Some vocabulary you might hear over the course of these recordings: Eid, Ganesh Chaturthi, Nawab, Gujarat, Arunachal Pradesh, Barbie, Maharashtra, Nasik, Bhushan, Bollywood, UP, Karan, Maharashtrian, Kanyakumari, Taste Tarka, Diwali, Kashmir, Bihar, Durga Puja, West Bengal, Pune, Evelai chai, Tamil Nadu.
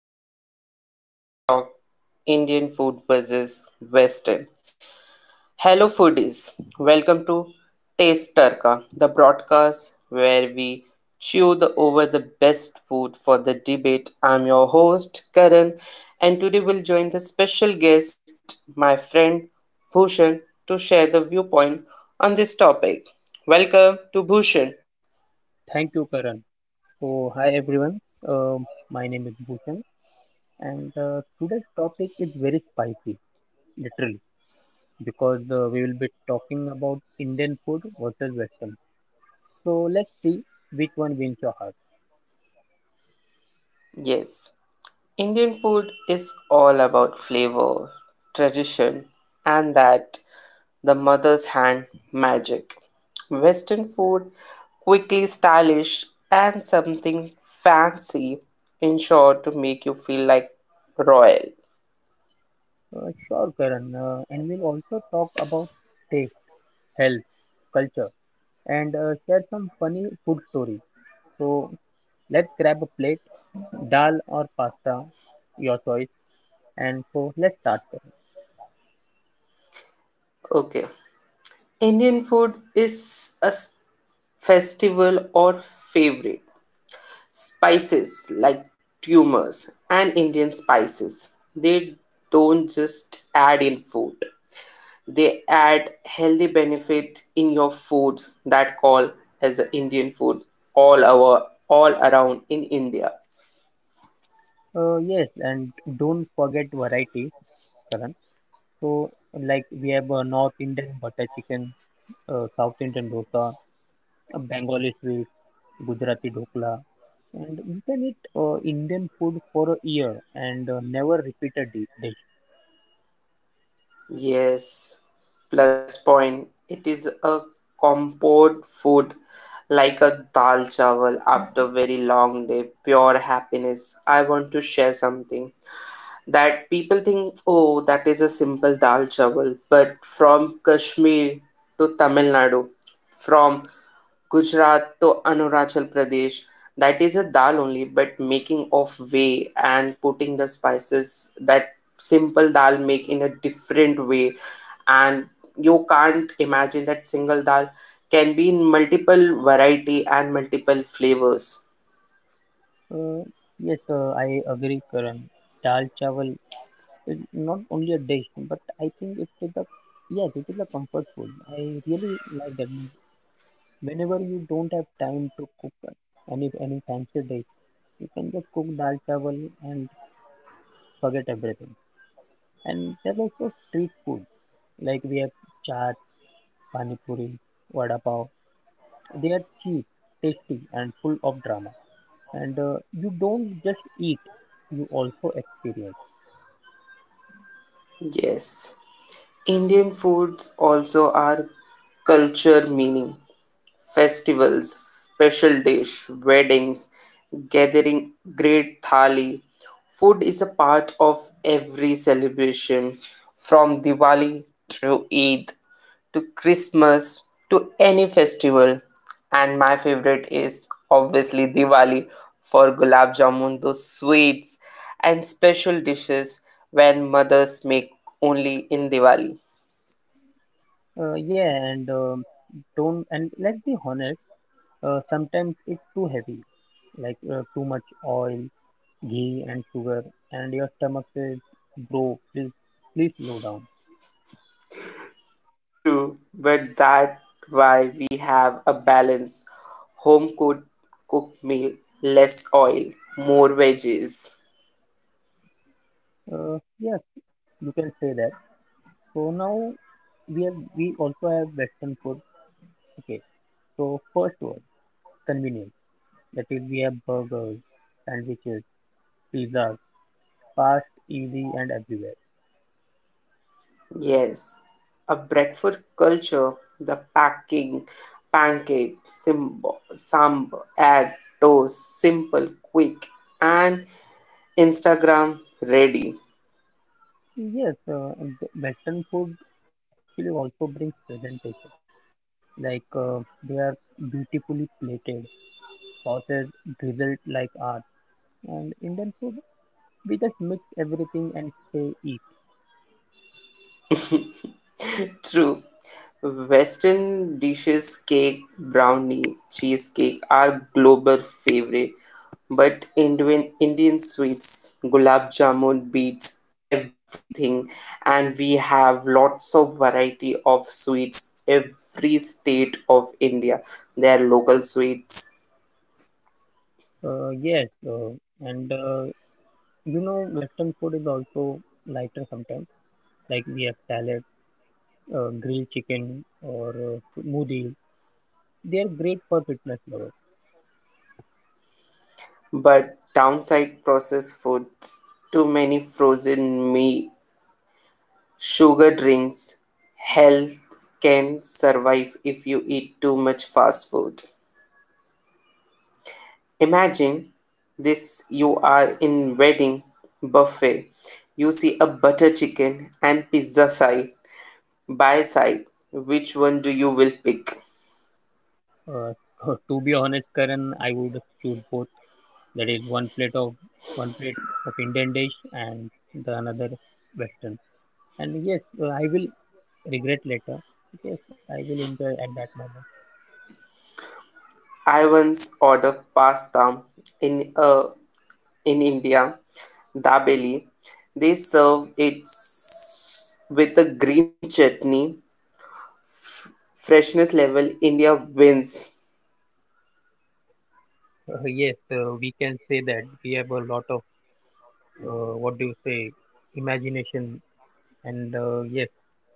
title is Taste Talk Indian Food versus Western. Hello, foodies. Welcome to Taste Tarka, the broadcast where we chew the, over the best food for the debate. I'm your host, Karan, and today we'll join the special guest, my friend Bhushan, to share the viewpoint on this topic. Welcome to Bhushan. Thank you, Karan. Hi everyone. My name is Bhushan, and today's topic is very spicy, literally, because we will be talking about Indian food versus Western. So let's see which one wins your heart. Yes, Indian food is all about flavor, tradition, and that the mother's hand magic. Western food, quickly stylish and something fancy, in short, to make you feel like royal. Sure, Karan. And we'll also talk about taste, health, culture, and share some funny food stories. So let's grab a plate, dal or pasta, your choice. Let's start, Karan. Okay, Indian food is a festival or favorite. Spices like tumors and Indian spices. They don't just add in food. They add healthy benefit in your foods that call as a Indian food all our all around in India. Yes, and don't forget variety, Karan. So, like we have North Indian butter chicken, South Indian dosa, Bengali sweets, Gujarati dokla, and you can eat Indian food for a year and never repeat a dish. Yes, plus point. It is a comfort food like a dal chawal after very long day, pure happiness. I want to share something that people think, oh, that is a simple dal chawal, but from Kashmir to Tamil Nadu, from Gujarat to Arunachal Pradesh. That is a dal only, but making of way and putting the spices that simple dal make in a different way, and you can't imagine that single dal can be in multiple variety and multiple flavors. Uh, yes, I agree, Karan. Dal chawal is not only a dish, but I think it is a yes, it is a comfort food. I really like that. Whenever you don't have time to cook any fancy dish, you can just cook dal chawal and forget everything. And there's also street food. Like we have chaat, pani puri, vada pav. They are cheap, tasty, and full of drama. And you don't just eat; you also experience. Yes. Indian foods also are culture meaning. Festivals, special dish, weddings, gathering, great thali. Food is a part of every celebration from Diwali through Eid to Christmas to any festival, and my favorite is obviously Diwali for gulab jamun, those sweets and special dishes when mothers make only in Diwali. Yeah, and don't. And let's be honest. Sometimes it's too heavy, like too much oil, ghee, and sugar, and your stomach says, "Bro, please, please slow down." True, but that why we have a balance home cooked meal, less oil, more veggies. Uh, yes, you can say that. So now we also have Western food. Okay, so first one, convenience. That is, we have burgers, sandwiches, pizzas. Fast, easy, and everywhere. Yes, a breakfast culture, the packing, pancake, simbo, sambar, egg, toast, simple, quick, and Instagram ready. Yes, the Western food actually also brings presentation. Like they are beautifully plated, sauces drizzled like art. And Indian food, we just mix everything and say eat. True. Western dishes, cake, brownie, cheesecake are global favorite, but Indian sweets, gulab jamun beats everything, and we have lots of variety of sweets every state of India. There are local sweets, Yes and You know, Western food is also lighter sometimes. Like we have salad, grilled chicken, or moody. They are great for fitness lovers. but downside processed foods, too many frozen meat, sugar drinks. Health can survive if you eat too much fast food. Imagine this, you are in wedding buffet. You see a butter chicken and pizza side by side. Which one do you will pick? To be honest, Karan, I would choose both. That is, one plate of Indian dish and the another Western. And yes, I will regret later. Yes, I will enjoy at that moment. I once ordered pasta in uh, in India, dabeli. They serve it with a green chutney, f- freshness level, India wins. Yes, we can say that we have a lot of what do you say, imagination, and yes,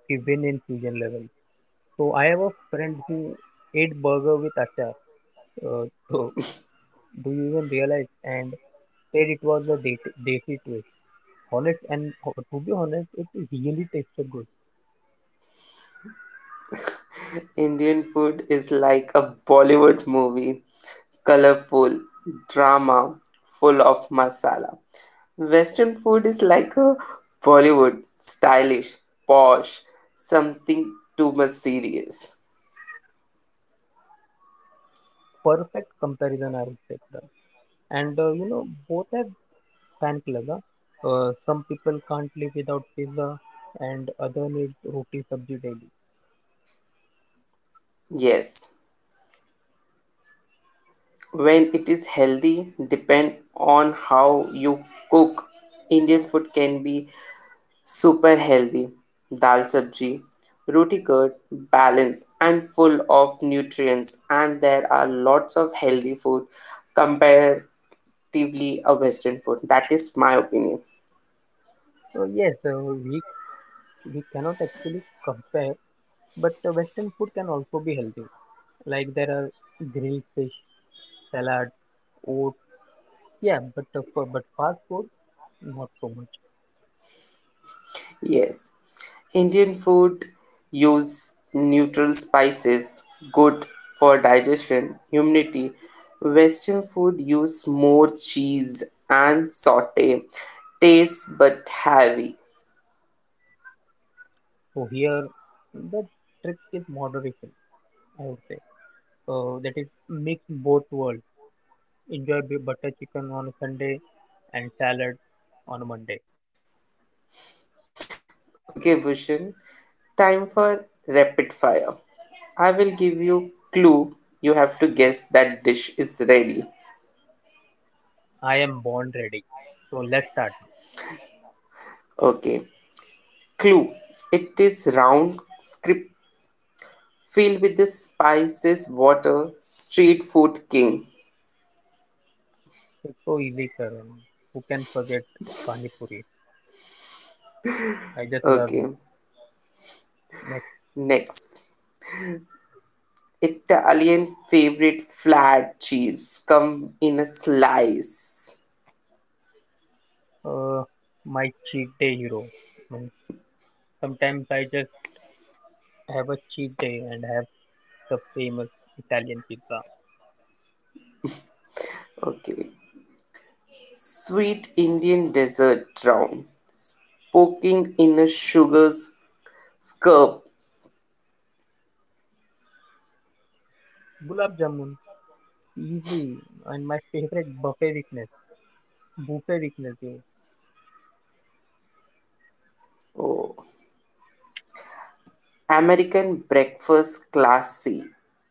we win in fusion level. So I have a friend who ate burger with achar. Uh, so do you even realize? And said it was a desi twist. Honest and ho- to be honest, it really tasted good. Indian food is like a Bollywood movie, colorful, drama, full of masala. Western food is like a Bollywood stylish, posh, something too much serious. Perfect comparison, I would say, Karan. And you know, both have fan club. Huh? Some people can't live without pizza, and other need roti sabji daily. Yes, when it is healthy, depend on how you cook. Indian food can be super healthy. Dal sabji, roti curd, balanced and full of nutrients, and there are lots of healthy food comparatively a Western food. That is my opinion. So yes, uh, we cannot actually compare, but Western food can also be healthy. Like there are grilled fish, salad, oats. Yeah, but fast food, not so much. Yes, Indian food use neutral spices, good for digestion, immunity. Western food use more cheese and saute, taste but heavy. So here the trick is moderation, I would say. That is, mix both worlds. Enjoy butter chicken on a Sunday and salad on a Monday. Okay, Bhushan, time for rapid fire. I will give you clue. You have to guess that dish is ready. I am born ready. So let's start. Okay. Clue. It is round script filled with the spices, water, street food king. It's so easy, Karan. Who can forget pani puri? I just love Okay. it. Next, Next. Italian favorite flat cheese come in a slice. uh, my cheat day hero. I mean, sometimes I just have a cheat day and have the famous Italian pizza. Okay. Sweet Indian dessert round, spoken in a sugar scarf. Gulab jamun, easy, and my favorite buffet weakness. Buffet weakness you Oh. American breakfast classy,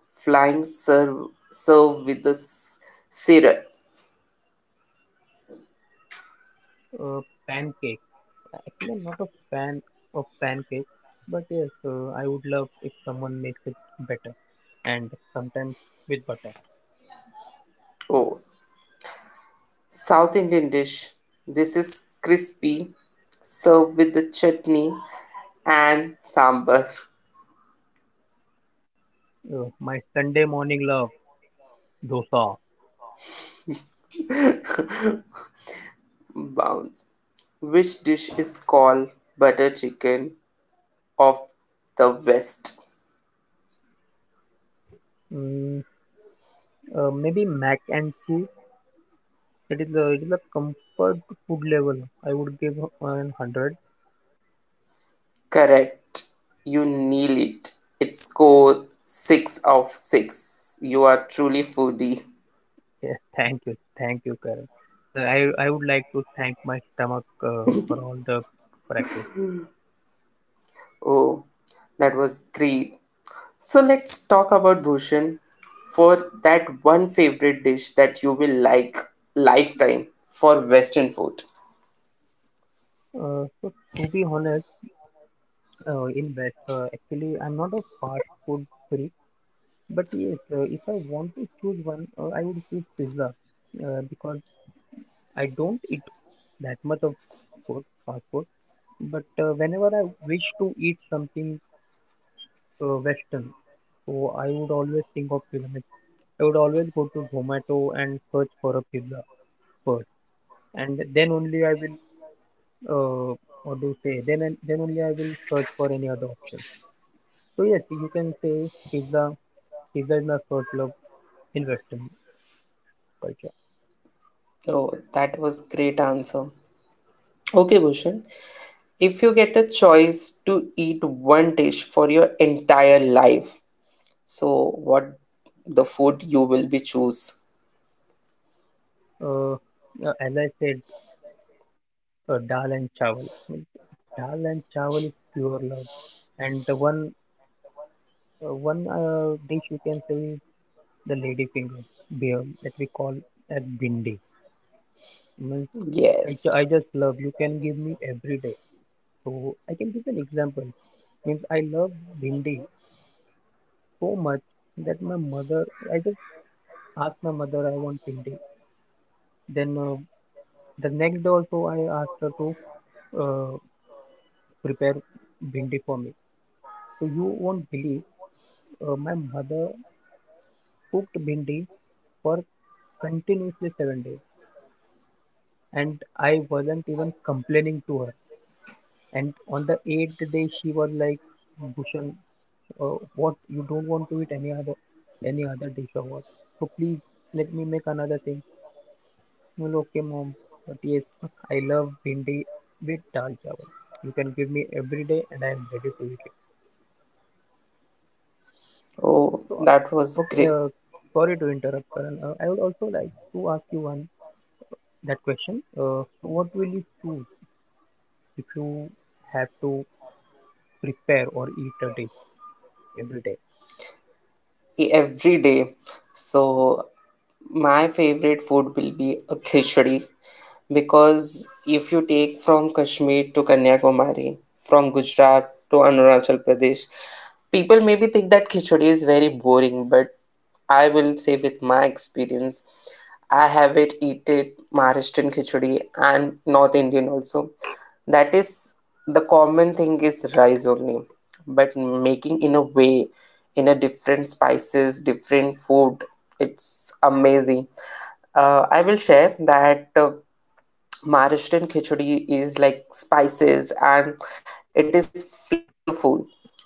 flying serve with a syrup. uh, Pancake. No, not a fan of pancake, but yes, I would love if someone makes it better, and sometimes with butter. Oh. South Indian dish. This is crispy, served with the chutney and sambar My Sunday morning love, dosa. bounce. Which dish is called butter chicken of the West? mm, Maybe mac and cheese. It is a, it is a comfort food level. I would give an 100. Correct. You nail it. It's score 6 of 6. You are truly foodie. Yes, thank you, Karen. I would like to thank my stomach for all the practice. Oh, that was great. So let's talk about Bhushan for that one favorite dish that you will like lifetime for western food. So to be honest, in that actually I'm not a fast food freak. But yes, if I want to choose one, I would choose pizza, because I don't eat that much of food fast food. But whenever I wish to eat something Western, so I would always think of pizza. Means I would always go to Zomato and search for a pizza first, and then only I will uh, what do you say, then only I will search for any other option. So yes, you can say pizza pizza is my first love in Western culture. Oh, that was great answer. Okay, Bhushan. If you get a choice to eat one dish for your entire life, so what the food you will be choose? Uh, as I said, dal and chawal. I mean, dal and chawal is pure love, and the one dish you can say is the lady finger, beer that we call as bindi. Means Yes. I just love. You can give me every day. So I can give an example. Means I love bindi so much that my mother. I just asked my mother I want bindi. Then the next day also I asked her to uh, prepare bindi for me. So you won't believe, my mother cooked bindi for continuously 7 days, and I wasn't even complaining to her. And on the eighth day, she was like, "Bhushan, uh, what, you don't want to eat any other dish or what? So please let me make another thing." I'm like, "Okay, mom, but yes, I love bindi with dal chawal. You can give me every day, and I am ready to eat it." Oh, So that was great. okay, sorry to interrupt, Karan. I would also like to ask you one that question. So what will you choose if you have to prepare or eat a dish every day? Every day. So my favorite food will be a khichdi because if you take from Kashmir to Kanyakumari, from Gujarat to Arunachal Pradesh, people maybe think that khichdi is very boring, but I will say with my experience I have it eaten, it Maharashtrian khichdi and North Indian also. That is the common thing is rice only, but making in a way, in a different spices, different food. It's amazing. I will share that. Maharashtrian khichdi is like spices and it is flavorful.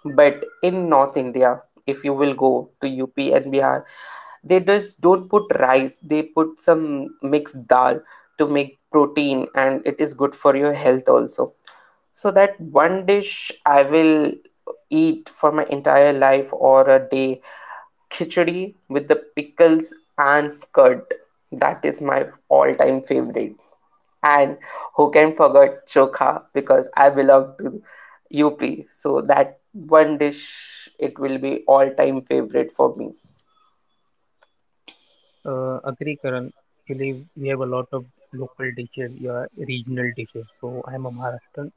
But in North India, if you will go to UP and Bihar, they just don't put rice, they put some mixed dal to make protein and it is good for your health also. So that one dish I will eat for my entire life or a day khichdi with the pickles and curd. That is my all time favorite. And who can forget chokha because I belong to UP. So that one dish it will be all time favorite for me. Agree, Karan. Actually, we have a lot of local dishes, yeah, regional dishes. So I'm a Maharashtrian,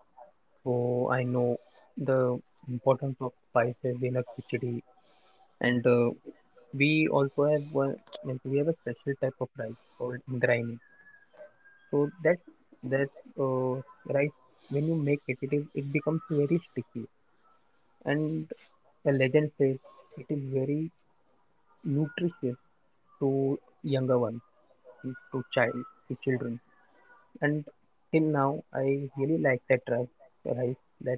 so I know the importance of spices in a khichdi. And we also have one. Means we have a special type of rice called indrayani. So that that uh, rice, when you make it, it is it becomes very sticky. And the legend says it is very nutritious to younger ones, to child, to children. And till now, I really like that rice that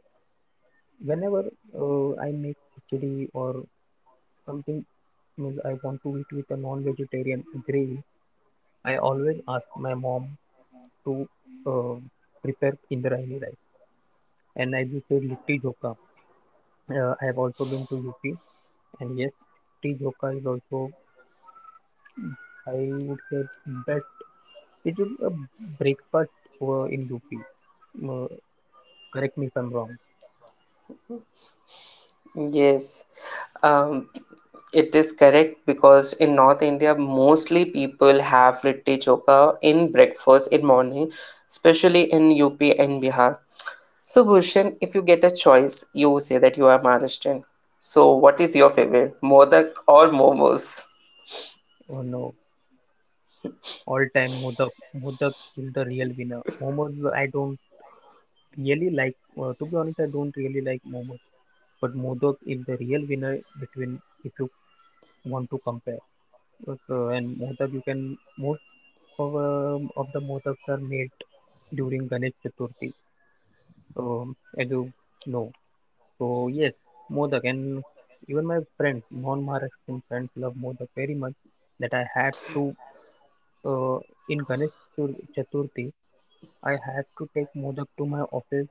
whenever I make khichdi or something, means I want to eat with a non-vegetarian gravy, I always ask my mom to uh, prepare indrayani rice. And as you said, litti jokha. I have also been to UP, and yes, litti jokha is also, I would say, best. It will Breakfast in UP. Uh, Correct me if I'm wrong. Yes. Um, it is correct because in North India mostly people have litti chokha in breakfast in morning, especially in UP and Bihar. So Bhushan, if you get a choice, you say that you are Maharashtrian. So what is your favorite, modak or momos? Oh no, all time Modak. Modak is the real winner. Momos I don't really like. To be honest, I don't really like momos. But modak is the real winner, between if you want to compare. But, and Modak you can of the modaks are made during Ganesh Chaturthi. As you know, so yes, modak. And even my friends, non-Maharashtrian friends, love modak very much. That I had to uh, in Ganesh Chaturthi, I had to take modak to my office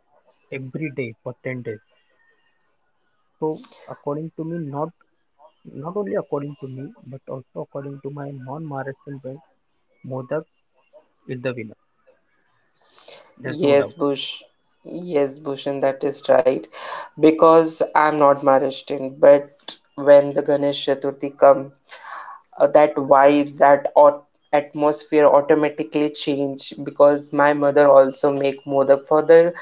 every day for 10 days. So according to me, not only according to me, but also according to my non-Maharashtrian friends, modak is the winner. There's no doubt. Yes, Bush. Yes, Bhushan, that is right. Because I'm not Maharashtrian, but when the Ganesh Chaturthi come, that vibes, that atmosphere automatically change. Because my mother also make modak for the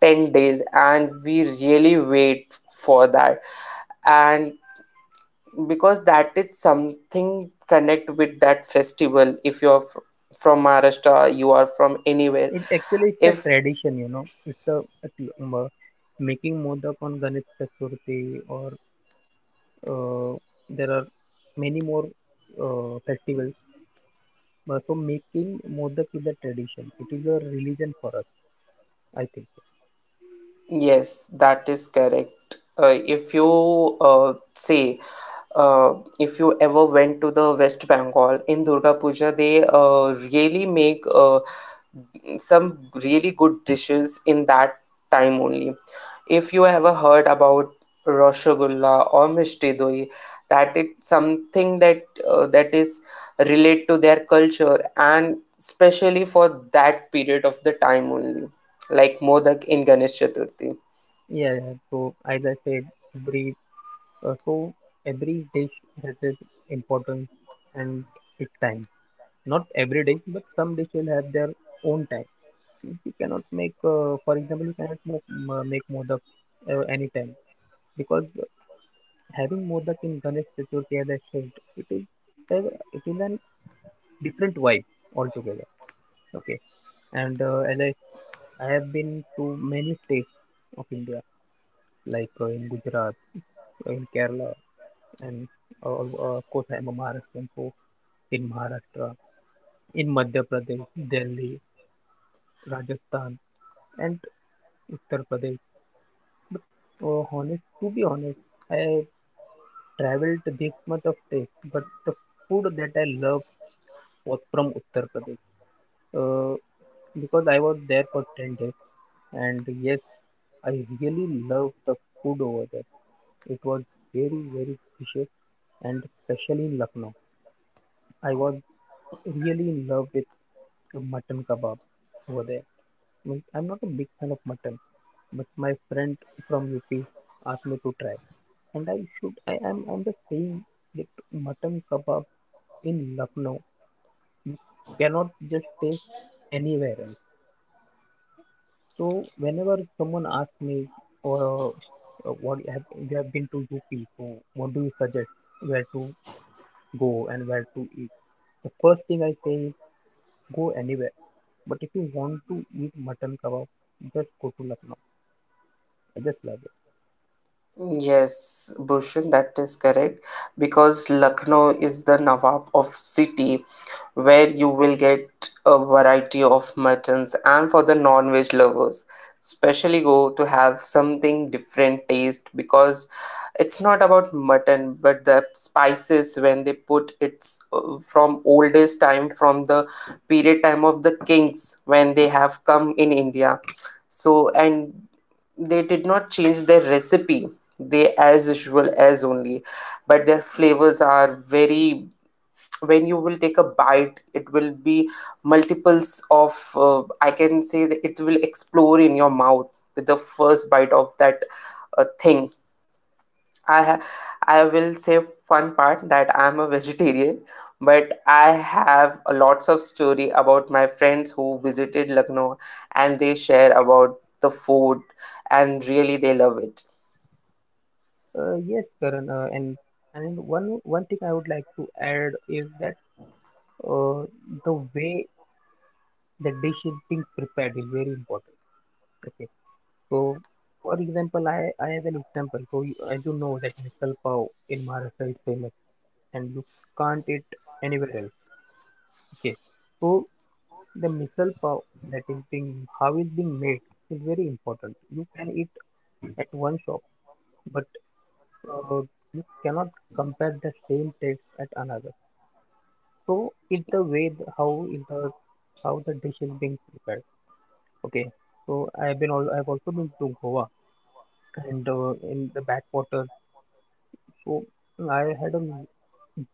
10 days, and we really wait for that. And because that is something connect with that festival. If you're from Maharashtra, you are from anywhere It actually it's a if tradition, you know. A making modak on Ganesh Chaturthi, or uh, there are many more festivals. But So making modak is a tradition. It is a religion for us, I think. yes, that is correct. If you say, uh, if you ever went to the West Bengal in Durga Puja, they really make some really good dishes in that time only. If you ever heard about Rasgulla or Mishti Doi, that it's something that that is relate to their culture and especially for that period of the time only like Modak in Ganesh Chaturthi. Yeah, yeah. So as I said, uh, so every dish has its importance and its time. Not every dish, but some dish will have their own time. You cannot make, for example, you cannot make modak anytime, because having modak in Ganesh Chaturthi, as I said, it is it is an different vibe altogether. Okay, and I have been to many states of India, like in Gujarat, in Kerala, and of course I'm a Maharashtrian, so in Maharashtra, in Madhya Pradesh, Delhi, Rajasthan, and Uttar Pradesh. But to be honest, I traveled this much of states, but the food that I love was from Uttar Pradesh. Uh, because I was there for 10 days, and yes, I really loved the food over there. It was very, very delicious, and especially in Lucknow. I was really in love with the mutton kebab over there. I mean, I'm not a big fan of mutton, but my friend from UP asked me to try, and I should. I am. I'm just saying that mutton kebab in Lucknow you cannot just taste anywhere else. So whenever someone asks me, or what, have you have been to UP, so what do you suggest, where to go and where to eat. The first thing I say is go anywhere. But if you want to eat mutton kebab, just go to Lucknow. I just love it. Yes, Bhushan, that is correct. Because Lucknow is the Nawab of city where you will get a variety of muttons and for the non-veg lovers, especially go to have something different taste because it's not about mutton but the spices when they put it's from oldest time from the period time of the kings when they have come in India. So and they did not change their recipe, they as usual as only, but their flavors are very, when you will take a bite it will be multiples of, uh, I can say that it will explore in your mouth with the first bite of that thing. I ha- I will say fun part that I'm a vegetarian, but I have a lots of story about my friends who visited Lucknow and they share about the food and really they love it. Yes, Karan. And one thing I would like to add is that uh, the way the dish is being prepared is very important. Okay. So, for example, I have an example. So, as you know that misal pav in Maharashtra is famous, and you can't eat anywhere else. Okay. So The misal pav that is being how it's being made is very important. You can eat at one shop, but uh, you cannot compare the same taste at another. So it's the way the, how it the how the dish is being prepared. Okay. So I've also been to Goa and in the backwaters. So I had a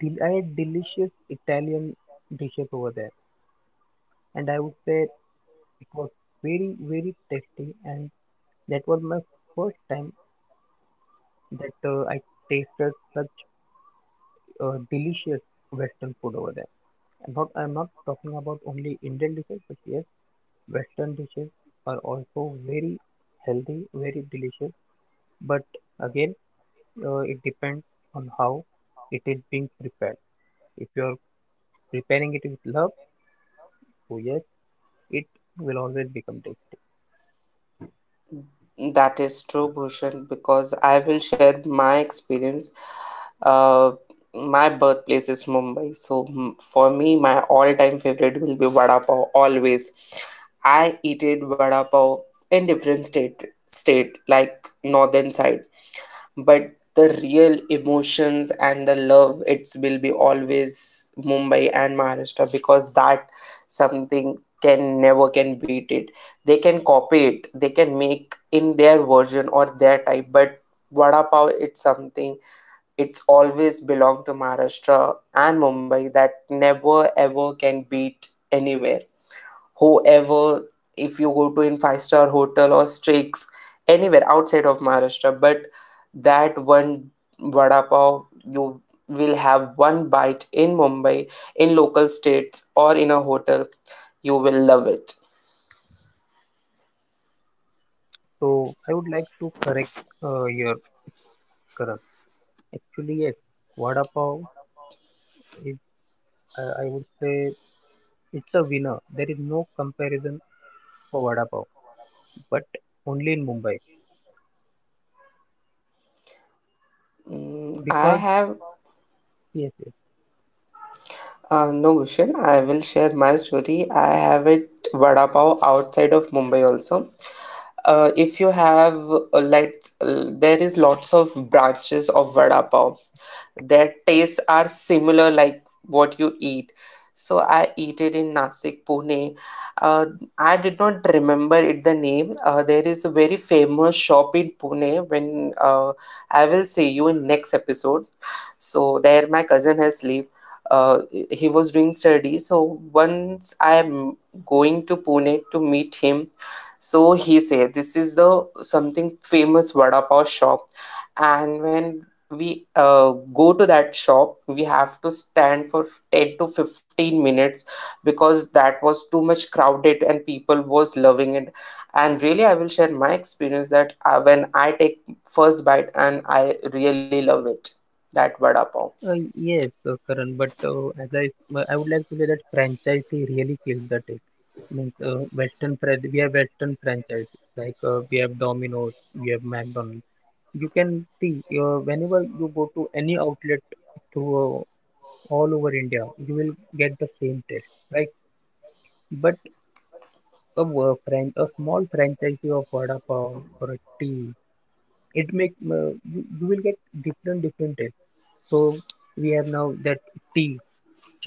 I had delicious Italian dishes over there, and I would say it was very very tasty and that was my first time that I tasted such delicious Western food over there. And not, I'm not talking about only Indian dishes, but yes, Western dishes are also very healthy, very delicious. But again, it depends on how it is being prepared. If you're preparing it with love, so yes, it will always become tasty. That is true, Bhushan, because I will share my experience. Uh, my birthplace is Mumbai, so for me, my all-time favorite will be vada pav. Always, I eat it vada pav in different state like northern side, but the real emotions and the love it will be always Mumbai and Maharashtra, because that something can never can beat it. They can copy it, they can make in their version or their type, but vada pav, it's something, it's always belong to Maharashtra and Mumbai, that never ever can beat anywhere. However, if you go to in five-star hotel or streaks anywhere outside of Maharashtra, but that one vada pav, you will have one bite in Mumbai, in local states or in a hotel, you will love it. So I would like to correct your correct. Actually, yes, vada pav is, I would say, it's a winner. There is no comparison for vada pav, but only in Mumbai. Mm, I Because have yes, no, Gushen, I will share my story. I have it vada pav outside of Mumbai also. If you have let's there is lots of branches of vada pav. Their tastes are similar like what you eat. So I eat it in Nasik, Pune. Uh, I did not remember it the name. There is a very famous shop in Pune when I will see you in next episode. So there my cousin has lived, uh, he was doing studies, so once I am going to Pune to meet him, so he said this is the something famous vada pav shop, and when we uh, go to that shop, we have to stand for 10 to 15 minutes because that was too much crowded and people was loving it, and really I will share my experience that when I take first bite and I really love it that vada pav. Yes, Karan. But I would like to say that franchisee really kills the taste. Means Western franchise. We have Western franchise like we have Domino's, we have McDonald's. You can see whenever you go to any outlet through uh, all over India, you will get the same taste, right? But a small franchisee of vada pav or a tea, it make you will get different different taste. So we have now that tea,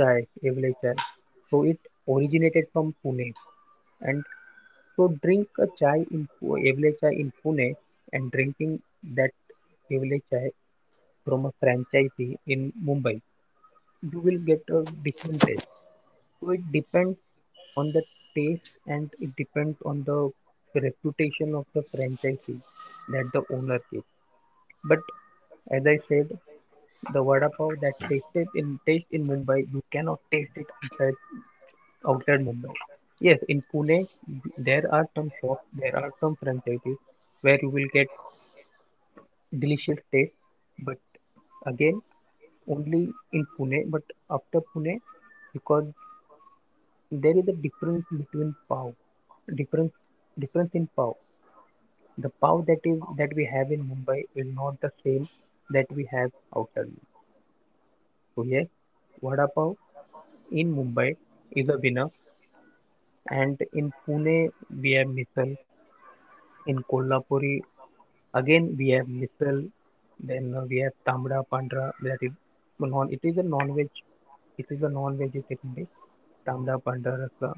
chai, Evelai chai. So it originated from Pune. And so drink a chai in Evelai chai in Pune and drinking that Evelai chai from a franchisee in Mumbai, you will get a different taste. So it depends on the taste and it depends on the reputation of the franchisee that the owner gives. But as I said, the vada pav that taste in Mumbai, you cannot taste it outside Mumbai. Yes, in Pune, there are some shops, there are some franchises where you will get delicious taste, but again, only in Pune, but after Pune, because there is a difference between pav, difference, difference in pav. The pav that we have in Mumbai is not the same that we have outside Mumbai. So yes, vada pav in Mumbai is a winner, and in Pune we have misal, in Kolhapuri again, we have misal, then we have tamda pandra, that is it is a non-veg, it is a non-vegetarian dish, tamra, pandra, rasla.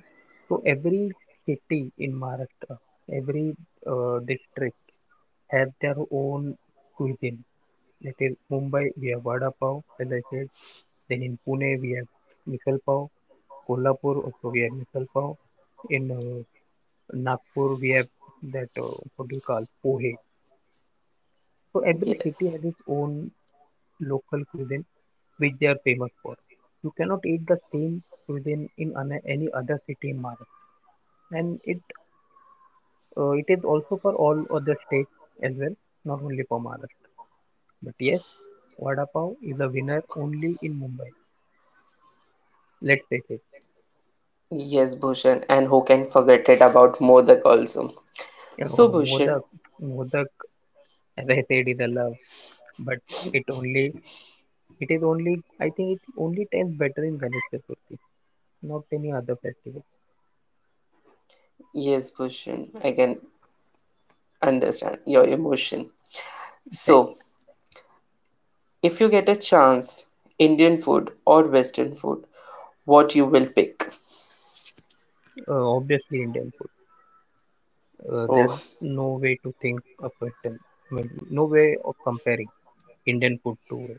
So every city in Maharashtra, every district has their own cuisine. That is Mumbai, we have vada pav, as I said. Then in Pune, we have misal pav. Kolhapur, also we have misal pav. In Nagpur, we have that what do you call pohe. So every city Yes. has its own local cuisine, which they are famous for. You cannot eat the same cuisine in any other city in Maharashtra, and it is also for all other states as well, not only for Maharashtra. But yes, vada pav is a winner only in Mumbai. Let's face it. Yes, Bhushan, and who can forget it about Modak also. You So, know, Bhushan, Modak, Modak, as I said, is a love, but it only it is only, I think, it only tastes better in Ganesh Chaturthi, not any other festival. yes, Bhushan, I can understand your emotion. Thank So, if you get a chance, Indian food or Western food, what you will pick? you. Obviously, Indian food. There's Oh, no way to think of Western. I mean, no way of comparing Indian food to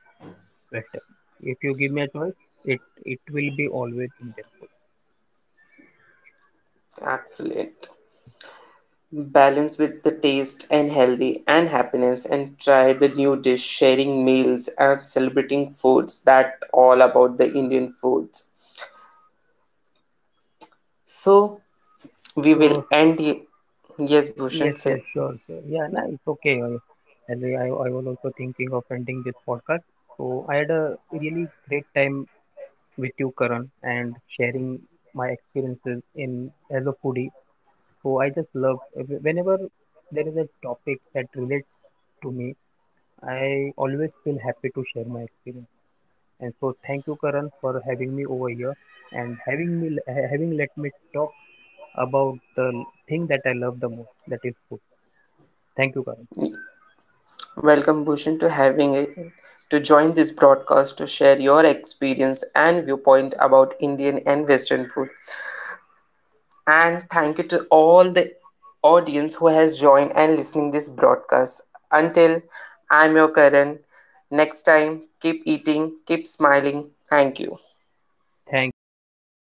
Western. If you give me a choice, it it will be always Indian food. excellent. Balance with the taste and healthy and happiness and try the new dish, sharing meals and celebrating foods. That all about the Indian foods. So, we will So end. Y- Yes, Bhushan, yes, say. yes, sure, sure. Yeah, no, it's okay. And I was also thinking of ending this podcast. So I had a really great time with you, Karan, and sharing my experiences in as a foodie. So I just love whenever there is a topic that relates to me, I always feel happy to share my experience. And so thank you Karan for having me over here and having let me talk about the thing that I love the most, that is food. Thank you Karan. Welcome Bhushan to having a, to join this broadcast to share your experience and viewpoint about Indian and Western food. And thank you to all the audience who has joined and listening this broadcast. Until I'm your Karan. Next time, keep eating, keep smiling. Thank you. Thank you. Thank you very much.